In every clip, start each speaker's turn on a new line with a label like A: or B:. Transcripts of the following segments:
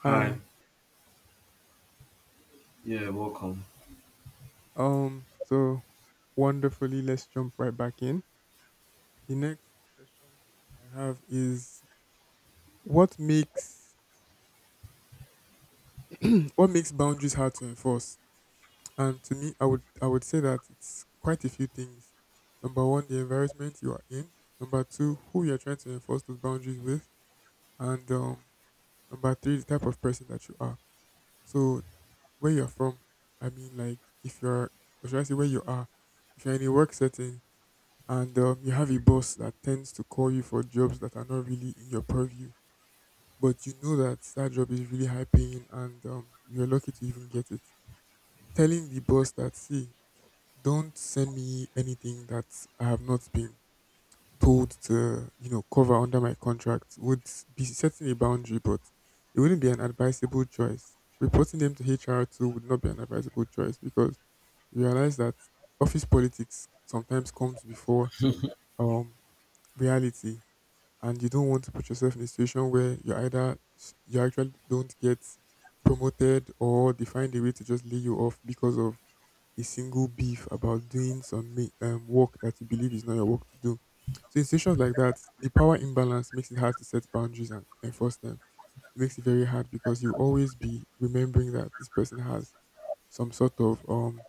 A: Hi.
B: Hi.
A: Yeah, welcome.
B: So wonderfully, let's jump right back in. The next question I have is what makes what makes boundaries hard to enforce? And to me, I would say that it's quite a few things. Number one, the environment you are in. Number two, who you are trying to enforce those boundaries with, and number three, the type of person that you are. So where you're from, I mean, like if you're, or should I say, where you are, if you're in a work setting and you have a boss that tends to call you for jobs that are not really in your purview, but you know that that job is really high paying and you're lucky to even get it. Telling the boss that, see, don't send me anything that I have not been told to, you know, cover under my contract would be setting a boundary, but it wouldn't be an advisable choice. Reporting them to HR too would not be an advisable choice because you realize that office politics sometimes comes before um, reality and you don't want to put yourself in a situation where you either you actually don't get promoted or they find a way to just lay you off because of a single beef about doing some work that you believe is not your work to do. So in situations like that, the power imbalance makes it hard to set boundaries and enforce them. It makes it very hard because you always be remembering that this person has some sort of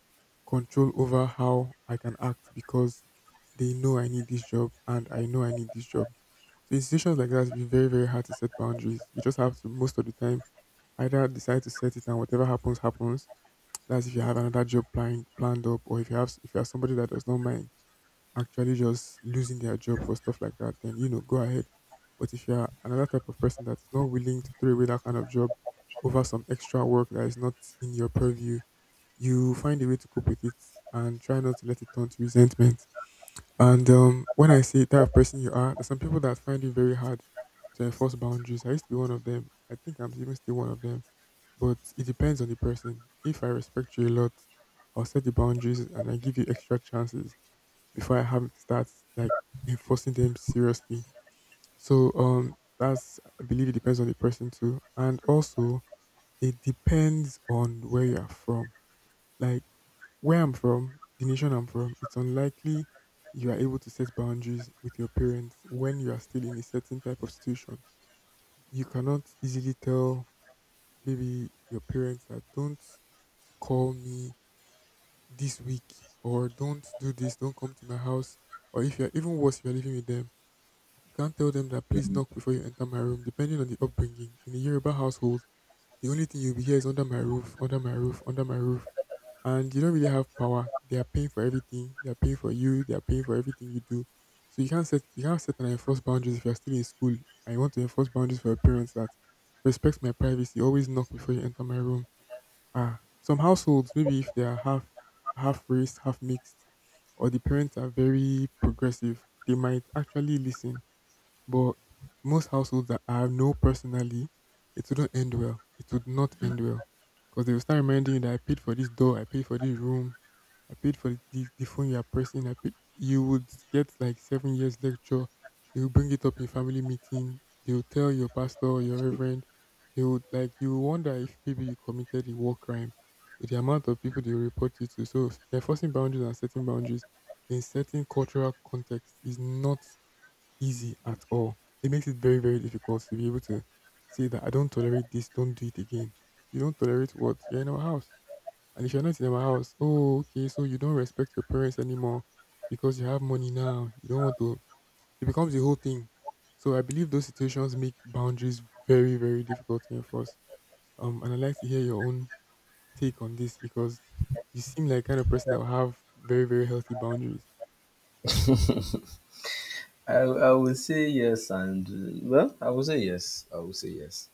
B: control over how I can act because they know I need this job and I know I need this job. So in situations like that, it's very very hard to set boundaries. You just have to most of the time either decide to set it and whatever happens happens. That's if you have another job planned up, or if you have if you are somebody that does not mind actually just losing their job or stuff like that, then you know go ahead. But if you are another type of person that's not willing to throw away that kind of job over some extra work that is not in your purview, you find a way to cope with it and try not to let it turn to resentment. And when I say that person you are, there's some people that find it very hard to enforce boundaries. I used to be one of them. I think I'm even still one of them. But it depends on the person. If I respect you a lot, I'll set the boundaries and I give you extra chances before I have to start like enforcing them seriously. So that's I believe it depends on the person too, and also it depends on where you are from. Like where I'm from, the nation I'm from, it's unlikely you are able to set boundaries with your parents when you are still in a certain type of situation. You cannot easily tell maybe your parents that don't call me this week or don't do this, don't come to my house. Or if you're even worse, if you're living with them, you can't tell them that please knock before you enter my room. Depending on the upbringing in a Yoruba household, the only thing you'll be here is under my roof, under my roof, under my roof and you don't really have power. They are paying for everything. They are paying for you. They are paying for everything you do. So you can't set and enforce boundaries if you're still in school and you want to enforce boundaries for your parents that respect my privacy. Always knock before you enter my room. Ah, some households maybe if they are half half race, half mixed, or the parents are very progressive, they might actually listen but most households that I know personally, it wouldn't end well. It would not end well. Because they will start reminding you that I paid for this door, I paid for this room, I paid for the phone you are pressing, I paid you would get like 7 years lecture. They will bring it up in family meeting. They will tell your pastor or your reverend. They would like you will wonder if maybe you committed a war crime with the amount of people they will report you to. So they're forcing boundaries and setting boundaries in certain cultural context is not easy at all. It makes it very, very difficult to be able to say that I don't tolerate this, don't do it again. You don't tolerate what? You're in our house. And if you're not in our house, oh, okay, so you don't respect your parents anymore because you have money now. You don't want to. It becomes the whole thing. So I believe those situations make boundaries very, very difficult to enforce. And I'd like to hear your own take on this because you seem like kind of person that will have very, very healthy boundaries.
A: I would say yes, and well, I would say yes. I would say yes.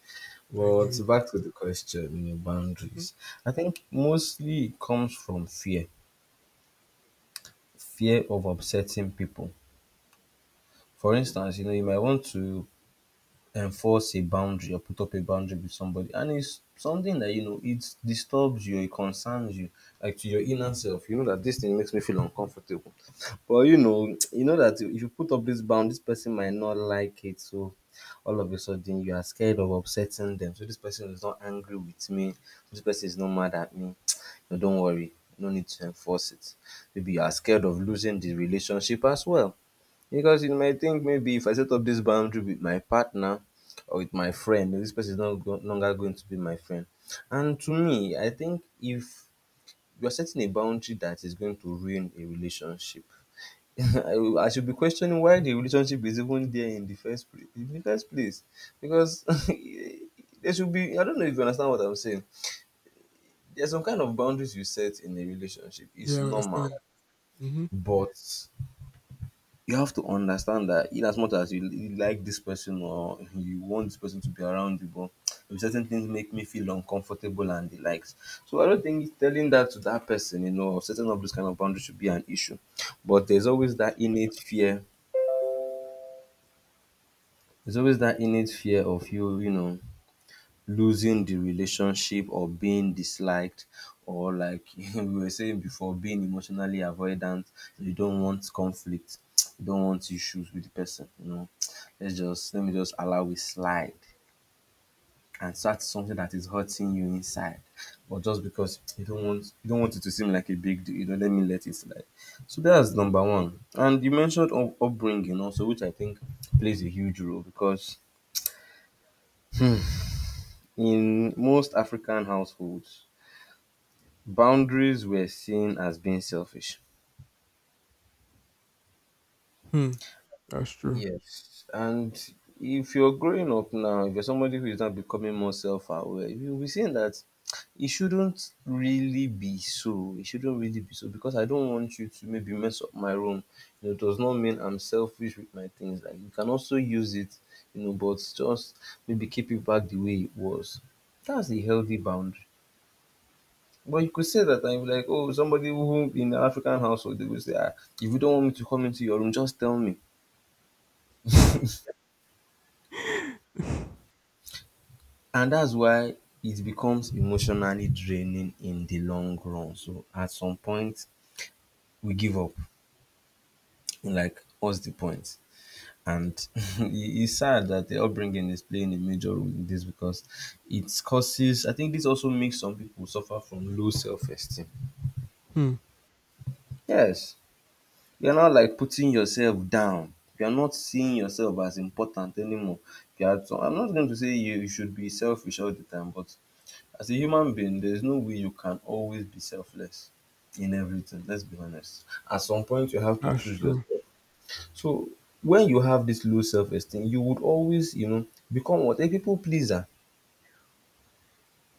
B: I
A: But
B: knew it.
A: back to the question, you know,
B: hmm
A: boundaries. I think mostly it comes from fear, fear of upsetting people. For instance, you know, you might want to enforce a boundary or put up a boundary with somebody, and it's something that you know, it disturbs you, it concerns you, like to your inner self you know that this thing makes me feel uncomfortable but you know you know that if you put up this bound this person might not like it, so all of a sudden you are scared of upsetting them, so this person is not angry with me, this person is not mad at me. No, don't worry, no need to enforce it. Maybe you are scared of losing the relationship as well, because you might think maybe if I set up this boundary with my partner or with my friend, this person is not go- no longer going to be my friend. And to me, I think if you're setting a boundary that is going to ruin a relationship, I should be questioning why the relationship is even there in the first place. In the first place, because there should be. I don't know if you understand what I'm saying. There's some kind of boundaries you set in a relationship. It's
B: Yeah, I
A: normal,
B: understand. Mm-hmm.
A: but you have to understand that in as much as you like this person or you want this person to be around you, but certain things make me feel uncomfortable and the likes. So I don't think telling that to that person, you know, setting up this kind of boundaries should be an issue. But there's always that innate fear. There's always that innate fear of you, you know, losing the relationship or being disliked, or like we were saying before, being emotionally avoidant. You don't want conflict, you don't want issues with the person, you know. Let me just allow it slide. And so that's something that is hurting you inside. But just because you don't want it to seem like a big deal, you don't, let me let it slide. So that's number one. And you mentioned upbringing also, which I think plays a huge role, because in most African households, boundaries were seen as being selfish.
B: Hmm. That's true.
A: Yes. And if you're growing up now, if you're somebody who is now becoming more self aware, you'll be seeing that it shouldn't really be so. It shouldn't really be so, because I don't want you to maybe mess up my room. You know, it does not mean I'm selfish with my things. Like, you can also use it, you know, but just maybe keep it back the way it was. That's the healthy boundary. But you could say that and you'd be like, oh, somebody who, in an African household, they would say, ah, if you don't want me to come into your room, just tell me. And that's why it becomes emotionally draining in the long run. So at some point, we give up. Like, what's the point? And it's sad that the upbringing is playing a major role in this, because it causes, I think this also makes some people suffer from low self esteem.
B: Hmm,
A: Yes. You're not, like, putting yourself down. You're not seeing yourself as important anymore. You are, so I'm not going to say you should be selfish all the time, but as a human being, there's no way you can always be selfless in everything. Let's be honest. At some point, you have to
B: that's
A: choose
B: true.
A: yourself. So when you have this low self-esteem, you would always, you know, become what, a people pleaser.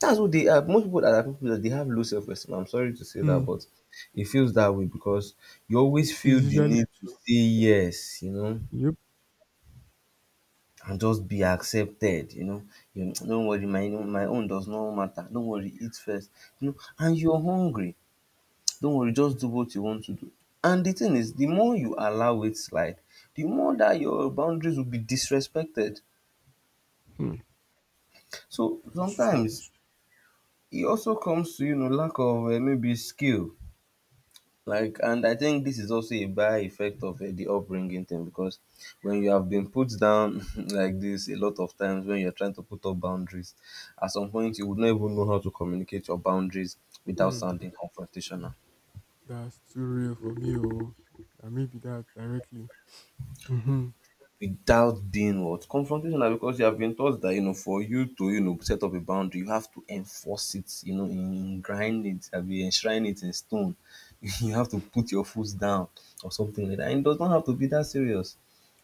A: That's what they are. Most people that are people pleaser, they have low self-esteem. I'm sorry to say that,
B: Hmm,
A: but it feels that way, because you always
B: it
A: feel
B: is
A: the
B: usually
A: need to say yes. You know,
B: yep.
A: and just be accepted, you know. You don't worry, my own does not matter. Don't worry, eat first. You know, and you're hungry. Don't worry, just do what you want to do. And the thing is, the more you allow it slide, the more that your boundaries will be disrespected.
B: Hmm,
A: So
B: that's true.
A: sometimes it also comes to, you know, lack of maybe skill. Like, and I think this is also a by effect of the upbringing thing, because when you have been put down like this a lot of times when you're trying to put up boundaries, at some point you would not even know how to communicate your boundaries without
B: Hmm,
A: sounding confrontational.
B: that's too real for me. Oh, that may be that directly. Mm-hmm.
A: Without being what? Confrontational na, because you have been taught that, you know, for you to, you know, set up a boundary, you have to enforce it, you know, in grind it, I mean, enshrine it in stone. You have to put your foot down or something like that. And it does not have to be that serious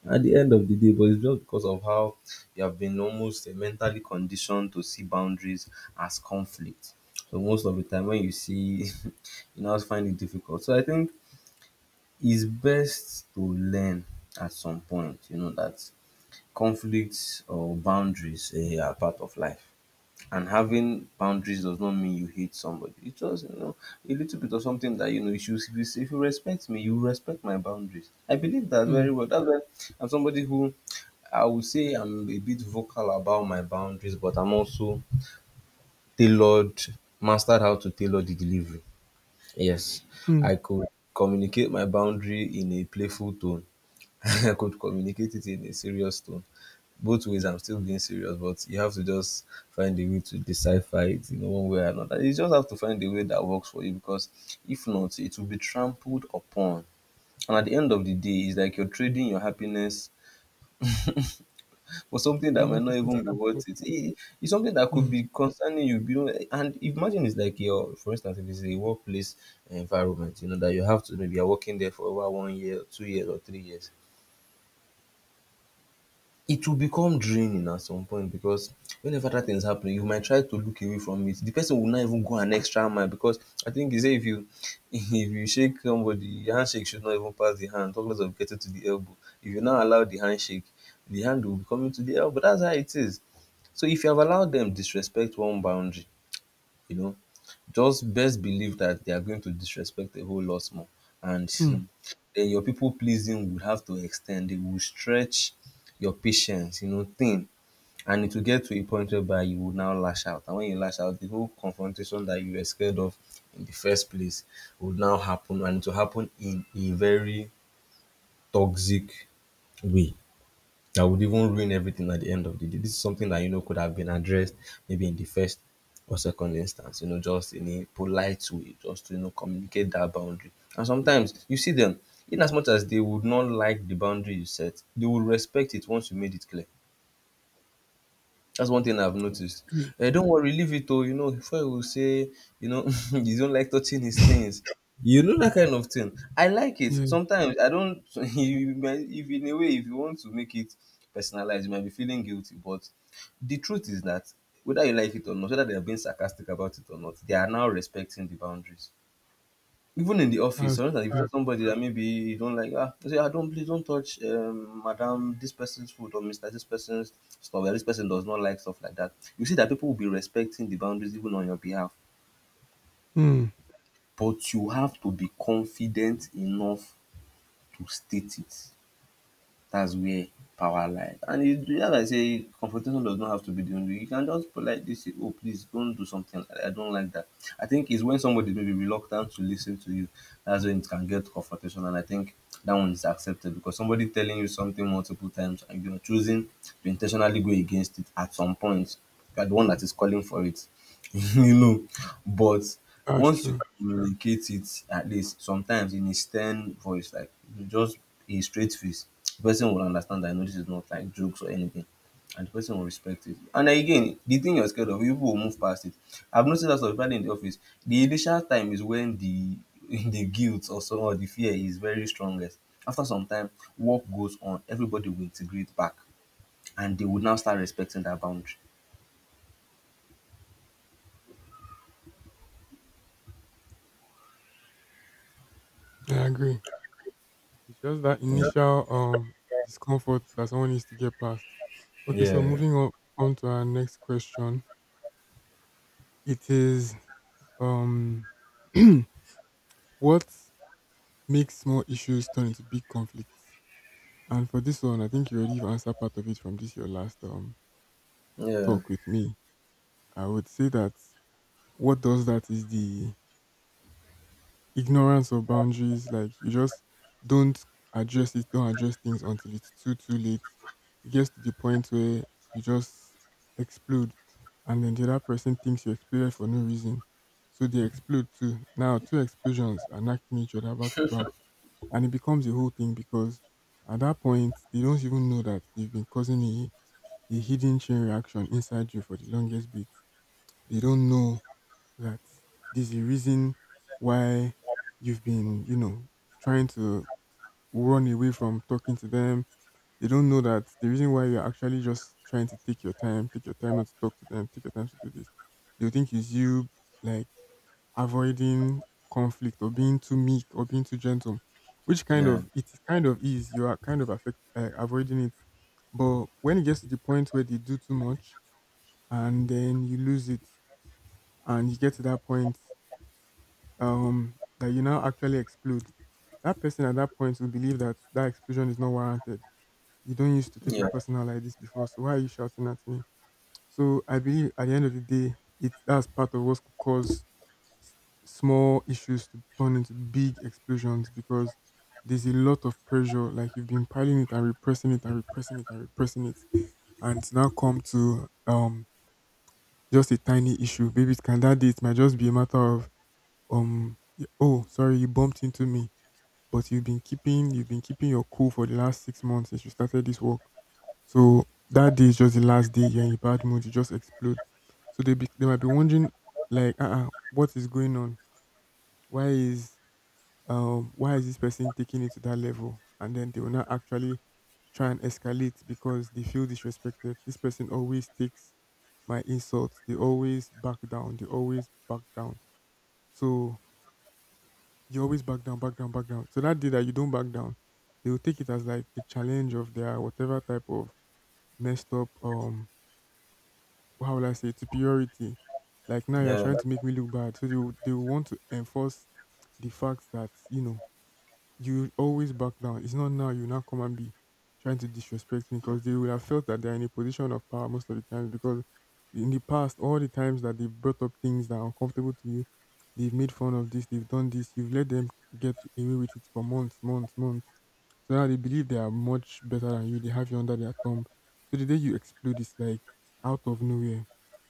A: at the end of the day, but it's just because of how you have been almost mentally conditioned to see boundaries as conflict. So most of the time when you see, you now find it difficult. So I think it's best to learn at some point, you know, that conflicts or boundaries eh, are part of life. And having boundaries does not mean you hate somebody. It's just, you know, a little bit of something that you know, if you should, if you respect me, you respect my boundaries. I believe that
B: Hmm.
A: very well. That's why I'm somebody who, I would say I'm a bit vocal about my boundaries, but I'm also tailored, mastered how to tailor the delivery. Yes,
B: Hmm.
A: I could communicate my boundary in a playful tone. I could communicate it in a serious tone, both ways I'm still being serious, but you have to just find a way to decipher it, you know, one way or another. You just have to find a way that works for you, because if not, it will be trampled upon. And at the end of the day, it's like you're trading your happiness for something
B: For
A: that
B: another
A: might not
B: person's
A: even be
B: comfort.
A: worth it. It's something that could
B: Hmm.
A: be concerning you, you know, and imagine it's like your, for instance, if it's a workplace environment, you know, that you have to maybe, you're working there for over 1 year, 2 years, or 3 years, it will become draining at some point, because whenever that thing is happening, you might try to look away from it, the person will not even go an extra mile, because I think you say, if you if you shake somebody, your handshake should not even pass the hand, talk less of getting to the elbow. If you now allow the handshake, the hand will be coming to the elbow. That's how it is. So if you have allowed them disrespect one boundary, you know, just best believe that they are going to disrespect a whole lot more. And
B: Hmm.
A: then your people pleasing would have to extend, they will stretch your patience, you know, thin. And it will get to a point whereby you will now lash out. And when you lash out, the whole confrontation that you were scared of in the first place would now happen. And it will happen in a very toxic way that would even ruin everything at the end of the day. This is something that, you know, could have been addressed maybe in the first or second instance, you know, just in a polite way, just to, you know, communicate that boundary. And sometimes you see them, in as much as they would not like the boundary you set, they will respect it once you made it clear. That's one thing I've noticed.
B: Agree.
A: Eh, don't worry, leave it oh, you know, Fuel will say, you know, you don't like touching his things. You know that kind of thing. I like it.
B: Yeah,
A: Sometimes I don't. You might, if in a way, if you want to make it personalized, you might be feeling guilty. But the truth is that whether you like it or not, whether they are being sarcastic about it or not, they are now respecting the boundaries. Even in the office,
B: that's
A: sometimes
B: true.
A: if somebody that maybe you don't like, ah, you say, ah, don't please don't touch, madam, this person's food, or Mister, this person's stuff. Or this person does not like stuff like that. You see that people will be respecting the boundaries even on your behalf,
B: Hmm.
A: but you have to be confident enough to state it. That's where power lies. And it, as I say, confrontation does not have to be the only. You can just politely say, "Oh, please don't do something. Like that. I don't like that." I think it's when somebody may be reluctant to listen to you. That's when it can get confrontation, and I think that one is accepted because somebody telling you something multiple times and you're choosing to intentionally go against it at some point. You're the one that is calling for it. you know but
B: That's
A: once you
B: true.
A: communicate it, at least sometimes in a stern voice, like just a straight face, the person will understand that no, this is not like jokes or anything, and the person will respect it. And again, the thing you're scared of, people will move past it. I've noticed that especially in the office, the initial time is when the the guilt or so or the fear is very strongest. After some time, work goes on, everybody will integrate back, and they will now start respecting that boundary.
B: I agree. It's just that
A: Yeah.
B: initial discomfort that someone needs to get past. Okay, so
A: Yeah.
B: moving on to our next question. It is um what makes small issues turn into big conflicts. And for this one, I think you already have answered part of it from this your last
A: yeah
B: talk with me. I would say that what does that is the ignorance of boundaries. Like you just don't address it, don't address things until it's too late. It gets to the point where you just explode, and then the other person thinks you exploded for no reason, so they explode too. Now two explosions are knocking each other back to back and it becomes a whole thing because at that point they don't even know that they've been causing a hidden chain reaction inside you for the longest bit. They don't know that there's a reason why you've been, you know, trying to run away from talking to them. They don't know that the reason why you're actually just trying to take your time not to talk to them, take your time to do this. They'll think it's you like avoiding conflict or being too meek or being too gentle, which kind
A: yeah.
B: of it is kind of is you are kind of avoiding it. But when it gets to the point where they do too much and then you lose it and you get to that point that you now actually explode, that person at that point will believe that that explosion is not warranted. You don't used to take
A: Yeah,
B: it personal like this before, so why are you shouting at me? So I believe at the end of the day, it that's part of what could cause s- small issues to turn into big explosions because there's a lot of pressure. Like you've been piling it and repressing it and repressing it and repressing it, and it's now come to just a tiny issue. Maybe it can that day it might just be a matter of oh sorry you bumped into me, but you've been keeping your cool for the last 6 months since you started this work. So that day is just the last day. You're in a bad mood. You just explode. So they be, they might be wondering like what is going on? Why is why is this person taking it to that level? And then they will not actually try and escalate because they feel disrespected. This person always takes my insults. They always back down. They always back down. So you always back down, back down, back down. So that day that you don't back down, they will take it as like a challenge of their whatever type of messed up, how will I say, superiority. Like now you're
A: yeah,
B: trying to make me look bad. So they will want to enforce the fact that, you know, you always back down. It's not now you now come and be trying to disrespect me because they would have felt that they're in a position of power most of the times because in the past, all the times that they've brought up things that are uncomfortable to you, they've made fun of this, they've done this, you've let them get away with it for months, months, months. So now they believe they are much better than you. They have you under their thumb. So the day you explode is like out of nowhere.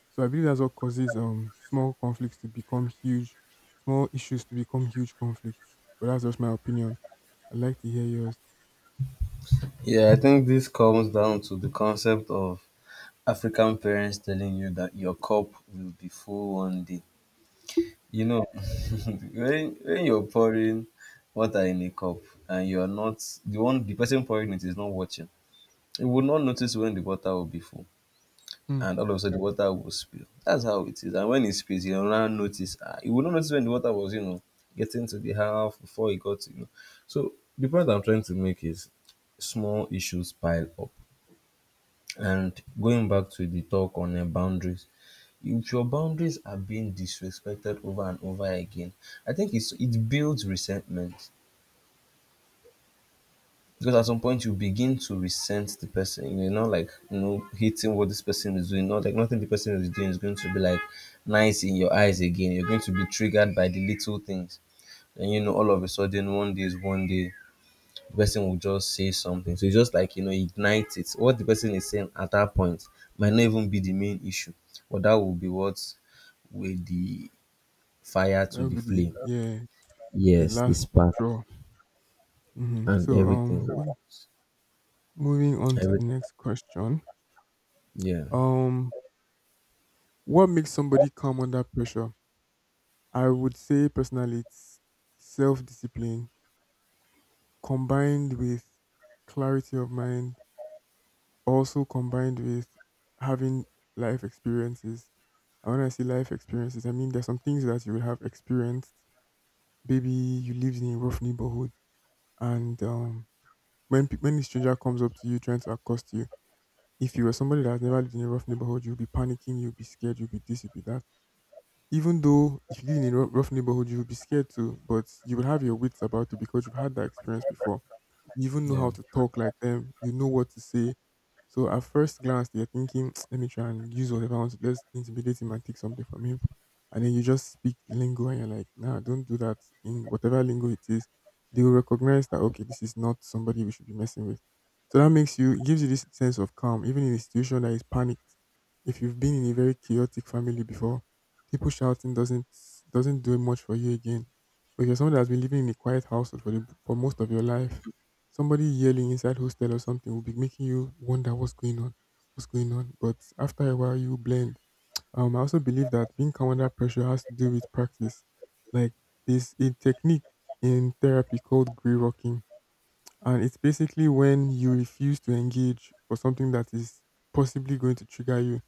B: So I believe that's what causes small conflicts to become huge, small issues to become huge conflicts. But that's just my opinion. I'd like to hear yours.
A: yeah. I think this comes down to the concept of African parents telling you that your cup will be full one day. You know, when you're pouring water in a cup and you're not the one, the person pouring it is not watching. You will not notice when the water will be full.
B: Hmm.
A: And all of a sudden the water will spill. That's how it is. And when it spills, you will not notice. You will not notice when the water was, you know, getting to the house before it got to you. Know. So the point I'm trying to make is small issues pile up. And going back to the talk on boundaries, if your boundaries are being disrespected over and over again, I think it builds resentment. Because at some point you begin to resent the person. You're not like, you know, hating what this person is doing. Not like nothing the person is doing is going to be like nice in your eyes again. You're going to be triggered by the little things. And you know, all of a sudden, one day is one day, the person will just say something. So you just, like, you know, ignite it. What the person is saying at that point might not even be the main issue, but that will be what will the fire
B: That
A: to
B: would
A: the
B: be the,
A: flame.
B: the
A: Yes, the
B: last
A: spark
B: straw. hmm So
A: and everything.
B: um mov- Moving on to
A: Every
B: the next question.
A: yeah,
B: Um what makes somebody calm under pressure? I would say personally it's self-discipline combined with clarity of mind, also combined with having life experiences. And when I say life experiences, I mean there's some things that you will have experienced. Maybe you lived in a rough neighborhood and when a stranger comes up to you trying to accost you, if you were somebody that has never lived in a rough neighborhood, you'll be panicking, you'll be scared, you'll be this, you'll be that. Even though if you live in a rough neighborhood, you'll be scared too, but you will have your wits about you because you've had that experience before. You even know
A: yeah,
B: how to talk like them. You know what to say. So at first glance, they're thinking, let me try and use whatever I want. Let's intimidate him and take something from him. And then you just speak the lingo and you're like, nah, don't do that in whatever lingo it is. They will recognize that, okay, this is not somebody we should be messing with. So that makes you, it gives you this sense of calm, even in a situation that is panicked. If you've been in a very chaotic family before, people shouting doesn't do much for you again. But if you're someone that has been living in a quiet household for for most of your life, somebody yelling inside hostel or something will be making you wonder what's going on, what's going on. But after a while, you blend. I also believe that being calm under pressure has to do with practice. Like there's a technique in therapy called gray rocking, and it's basically when you refuse to engage for something that is possibly going to trigger you.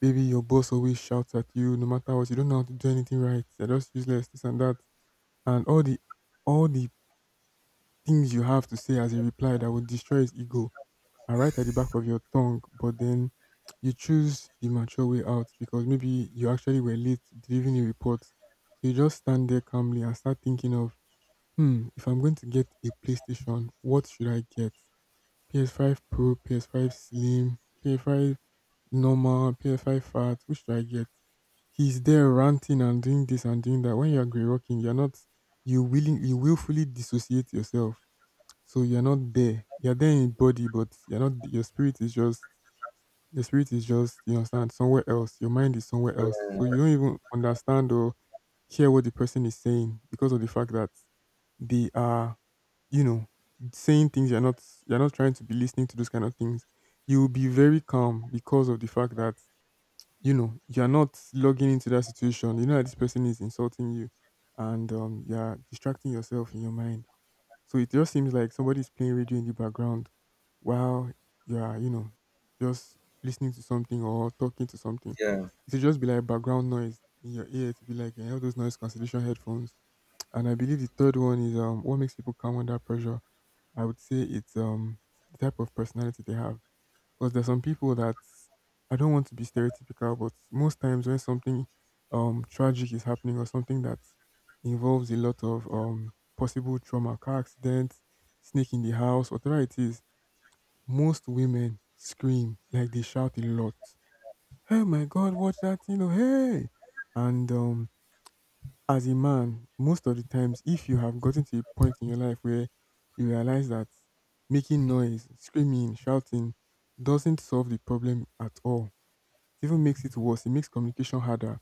B: Maybe your boss always shouts at you, no matter what. You don't know how to do anything right. They're just useless, this and that, and all the things you have to say as a reply that would destroy his ego are right at the back of your tongue, but then you choose the mature way out because maybe you actually were late delivering a report. So you just stand there calmly and start thinking of, hmm, if I'm going to get a PlayStation, what should I get? PS5 Pro, PS5 Slim, PS5 normal, PS5 fat, which should I get? He's there ranting and doing this and doing that. When you're grey rocking, you're not you willfully dissociate yourself. So you're not there. You're there in body, but you're not, your spirit is just, you understand, somewhere else. Your mind is somewhere else. So you don't even understand or hear what the person is saying because of the fact that they are, you know, saying things you're not, trying to be listening to those kind of things. You will be very calm because of the fact that, you're not logging into that situation. You know that this person is insulting you and you're distracting yourself in your mind. So it just seems like somebody's playing radio in the background while you are, just listening to something or talking to something.
A: yeah.
B: It should just be like background noise in your ear. To be like eh, all those noise cancellation headphones. And I believe the third one is what makes people calm under pressure. I would say it's the type of personality they have because there's some people that I don't want to be stereotypical, but most times when something tragic is happening or something that involves a lot of possible trauma, car accidents, snake in the house, whatever it is, most women scream like they shout a lot. Hey my god, watch that, hey. And as a man, most of the times, if you have gotten to a point in your life where you realize that making noise, screaming, shouting doesn't solve the problem at all, it even makes it worse. It makes communication harder.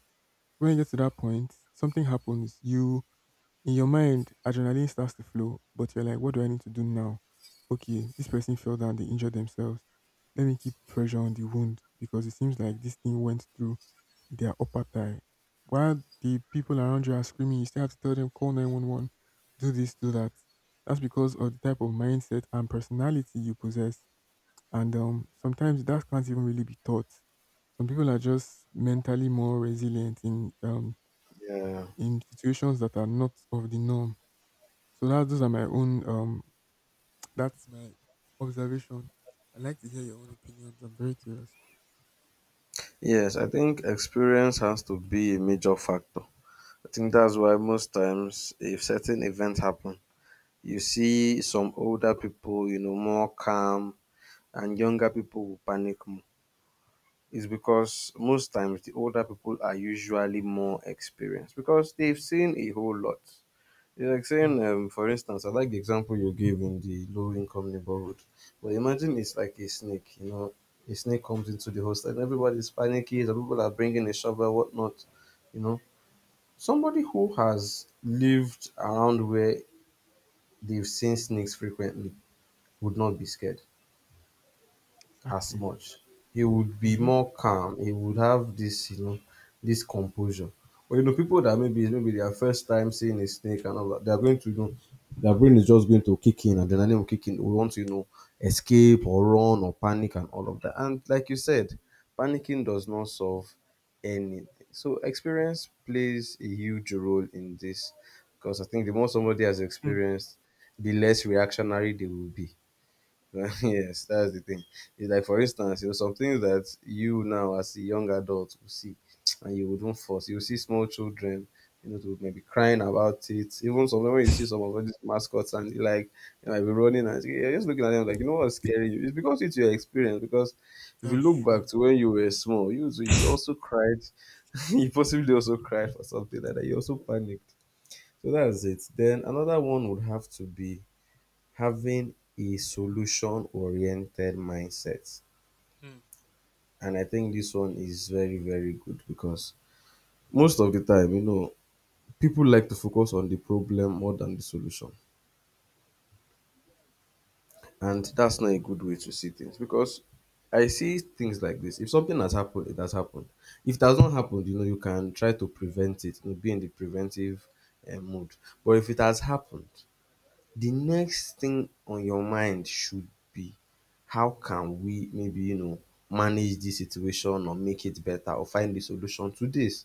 B: So when you get to that point, something happens. You, in your mind, adrenaline starts to flow, but you're like, what do I need to do now? Okay, this person fell down, they injured themselves. Let me keep pressure on the wound because it seems like this thing went through their upper thigh, while the people around you are screaming, you still have to tell them, call 911, do this, do that. That's because of the type of mindset and personality you possess. And sometimes that can't even really be taught. Some people are just mentally more resilient
A: Yeah.
B: in situations that are not of the norm. So that those are my own that's my observation. I'd like to hear your own opinions. I'm very curious.
A: Yes, I think experience has to be a major factor. I think that's why most times if certain events happen, you see some older people, you know, more calm, and younger people will panic more. It's because most times the older people are usually more experienced because they've seen a whole lot. It's like
B: Hmm.
A: saying, for instance, I like the example you gave in the low income neighborhood. But imagine it's like a snake, you know, a snake comes into the host and everybody's panicky. The people are bringing a shovel, whatnot, you know. Somebody who has lived around where they've seen snakes frequently would not be scared as
B: Exactly.
A: much. He would be
B: Mm-hmm.
A: more calm. He would have this, you know, this composure. But you know, people that maybe their first time seeing a snake and all that, they're going to, you know, their brain is just going to kick in and then they will kick in. We want to, you know, escape or run or panic and all of that. And like you said, panicking does not solve anything. So experience plays a huge role in this because I think the more somebody has experienced, the less reactionary they will be. Yes, that's the thing. It's like, for instance, you know, some things that you now as a young adult will see and you wouldn't force. You will see small children, you know, to maybe crying about it. Even sometimes when you see some of all these mascots and you like, you might be running and you're just looking at them like, you know, what's scary you? It's because it's your experience. Because if you
B: That's
A: look back
B: true.
A: to when you were small, you too, you also cried. You possibly also cried for something like that. You also panicked. So that's it. Then another one would have to be having a solution oriented mindset.
B: Hmm.
A: And I think this one is very, very good because most of the time, you know, people like to focus on the problem more than the solution. And that's not a good way to see things because I see things like this. If something has happened, it has happened. If it has not happened, you know, you can try to prevent it, you know, be in the preventive mode. But if it has happened, the next thing on your mind should be, how can we maybe, you know, manage this situation or make it better or find a solution to this.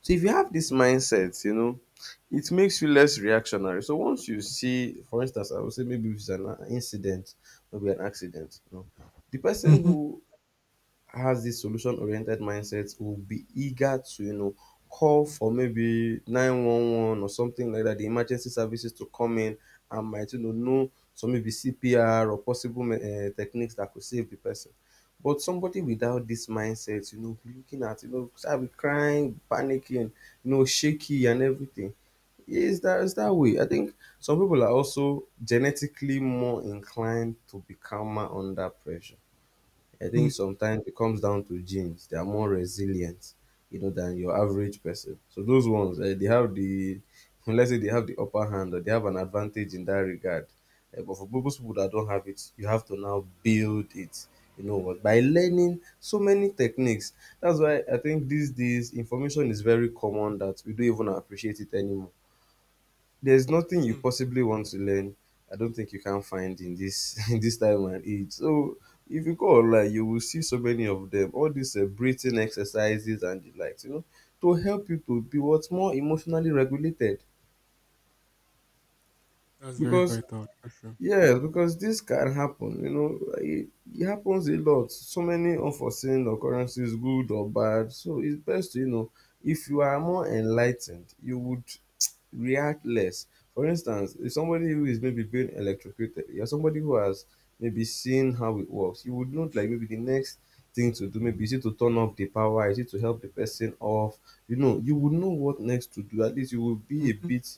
A: So if you have this mindset, you know, it makes you less reactionary. So once you see, for instance, I would say maybe if it's an incident, maybe an accident, you know, the person
B: Mhm.
A: who has this solution oriented mindset will be eager to, you know, call for maybe 911 or something like that, the emergency services, to come in and might, you know some, maybe CPR or possible techniques that could save the person. But somebody without this mindset, you know, be looking at, you know, start be crying, panicking, you know, shaky and everything is that, is that way. I think some people are also genetically more inclined to be calmer under pressure. I think sometimes it comes down to genes. They are more resilient, you know, than your average person. So those ones, eh, they have the, let's say they have the upper hand or they have an advantage in that regard. Eh, but for those people that don't have it, you have to now build it. You know what? By learning so many techniques. That's why I think these days information is very common that we don't even appreciate it anymore. There's nothing you
B: Mm,
A: possibly want to learn, I don't think you can find in this in this time and age. So if you go online you will see so many of them, all these breathing exercises and the likes, you know, to help you to be what's more emotionally regulated
B: that's very
A: because
B: vital. True, true.
A: yes, because this can happen, you know, like, it happens a lot. So many unforeseen occurrences, good or bad. So it's best to, you know, if you are more enlightened, you would react less. For instance, if somebody who is maybe being electrocuted, you're somebody who has maybe seen how it works, you would note like maybe the next thing to do, maybe is it to turn off the power, is it to help the person off? You know, you would know what next to do. At least you will be a
B: Hmm.
A: bit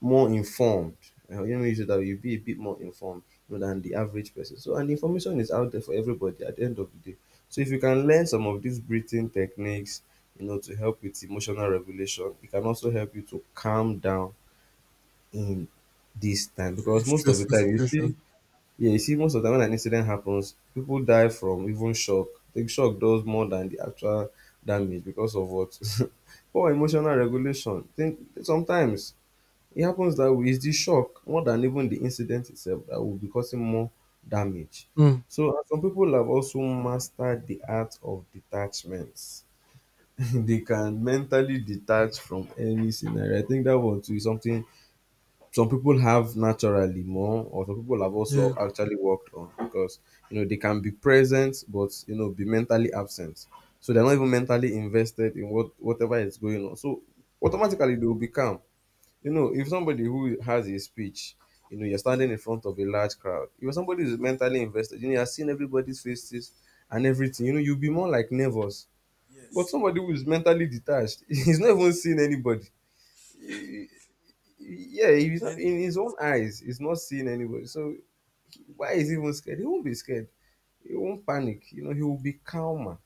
A: more informed. Let me use it that way. You'll be a bit more informed, you know, than the average person. So, and the information is out there for everybody at the end of the day. So, if you can learn some of these breathing techniques, you know, to help with emotional regulation, it can also help you to calm down in this time
B: During
A: because most of the
B: stressful
A: time you see,
B: situations.
A: yeah, you see, most of the time when an incident happens, people die from even shock. The shock does more than the actual damage because of what, poor emotional regulation. Think sometimes it happens that way. It's the shock more than even the incident itself that will be causing more damage.
B: Mm,
A: So and some people have also mastered the art of detachments. They can mentally detach from any scenario. I think that one too is something some people have naturally more, or some people have
B: yeah.
A: also actually worked on because you know they can be present but, you know, be mentally absent. So they're not even mentally invested in what whatever is going on. So automatically they will be calm. You know, if somebody who has a speech, you know, you're standing in front of a large crowd, you know, somebody who's mentally invested, you know, you're seeing everybody's faces and everything, you know, you'll be more like nervous. But
B: Yes.
A: somebody who is mentally detached, he's not even seeing anybody. Yeah, he's not,
B: Present
A: in
B: it
A: his own
B: to
A: eyes, he's not seeing anybody. So why is he even scared? He won't be scared. He won't panic. You know, he will be calmer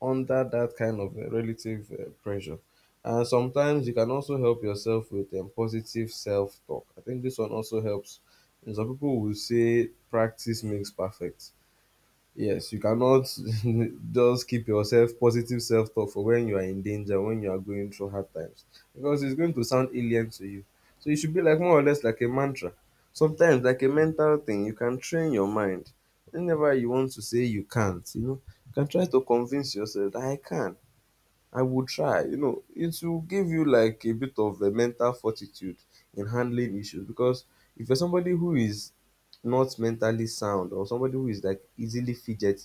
A: under that kind of relative pressure. And sometimes you can also help yourself with positive self talk. I think this one also helps. And some people will say practice
B: something.
A: makes perfect. Yes, you cannot just keep yourself positive self talk for when you are in danger, when you are going through hard times, because it's going to sound alien to you. So you should be like more or less like a mantra. Sometimes, like a mental thing, you can train your mind. Whenever you want to say you can't, you know, you can try to convince yourself that I can, I will try. You know, it will give you like a bit of a mental fortitude in handling issues because if you're somebody who is not mentally sound or somebody who is like easily fidgety,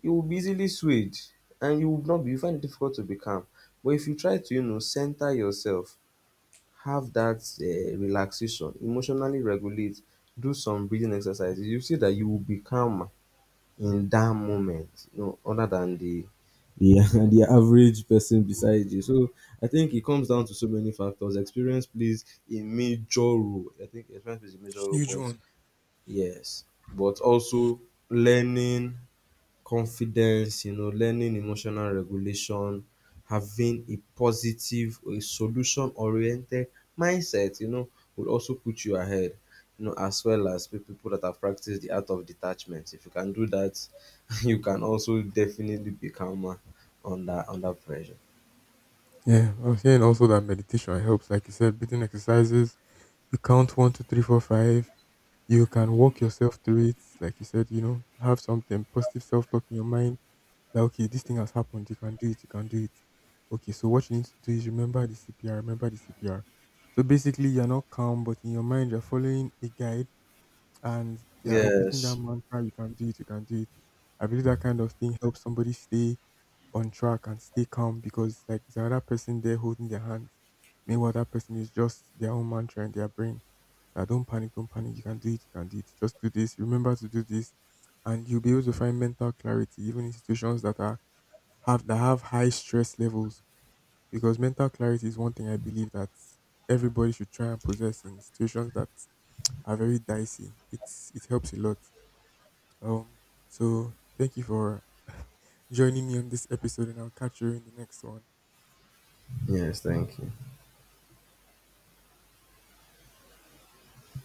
A: you will be easily swayed and you would not be, you find it difficult to be calm. But if you try to, you know, center yourself, have that relaxation, emotionally regulate, do some breathing exercises, you see that you will be calmer in that moment, you know, other than the, the average person beside you. So I think it comes down to so many factors. Experience plays a major role. I think experience plays a major role,
B: Huge
A: but
B: one.
A: yes, but also learning confidence, you know, learning emotional regulation, having a positive a solution oriented mindset, you know, will also put you ahead. You know, as well as people that have practiced the art of detachment. If you can do that, you can also definitely be calmer under under pressure.
B: Yeah, I was hearing also that meditation helps. Like you said, breathing exercises. You count one, two, three, four, five. You can walk yourself through it. Like you said, have something positive self talk in your mind. That okay, this thing has happened. You can do it. You can do it. Okay. So what you need to do is remember the CPR. Remember the CPR. So basically, you're not calm, but in your mind, you're following a guide. And yeah, repeating that
A: Yes.
B: mantra, you can do it, you can do it. I believe that kind of thing helps somebody stay on track and stay calm because like there's another person there holding their hands. Meanwhile, that person is just their own mantra in their brain. That don't panic, you can do it, you can do it. Just do this, remember to do this. And you'll be able to find mental clarity, even in situations that are have that have high stress levels. Because mental clarity is one thing I believe that everybody should try and possess in situations that are very dicey. It helps a lot. Um, so thank you for joining me on this episode, and I'll catch you in the next one.
A: Yes, thank you.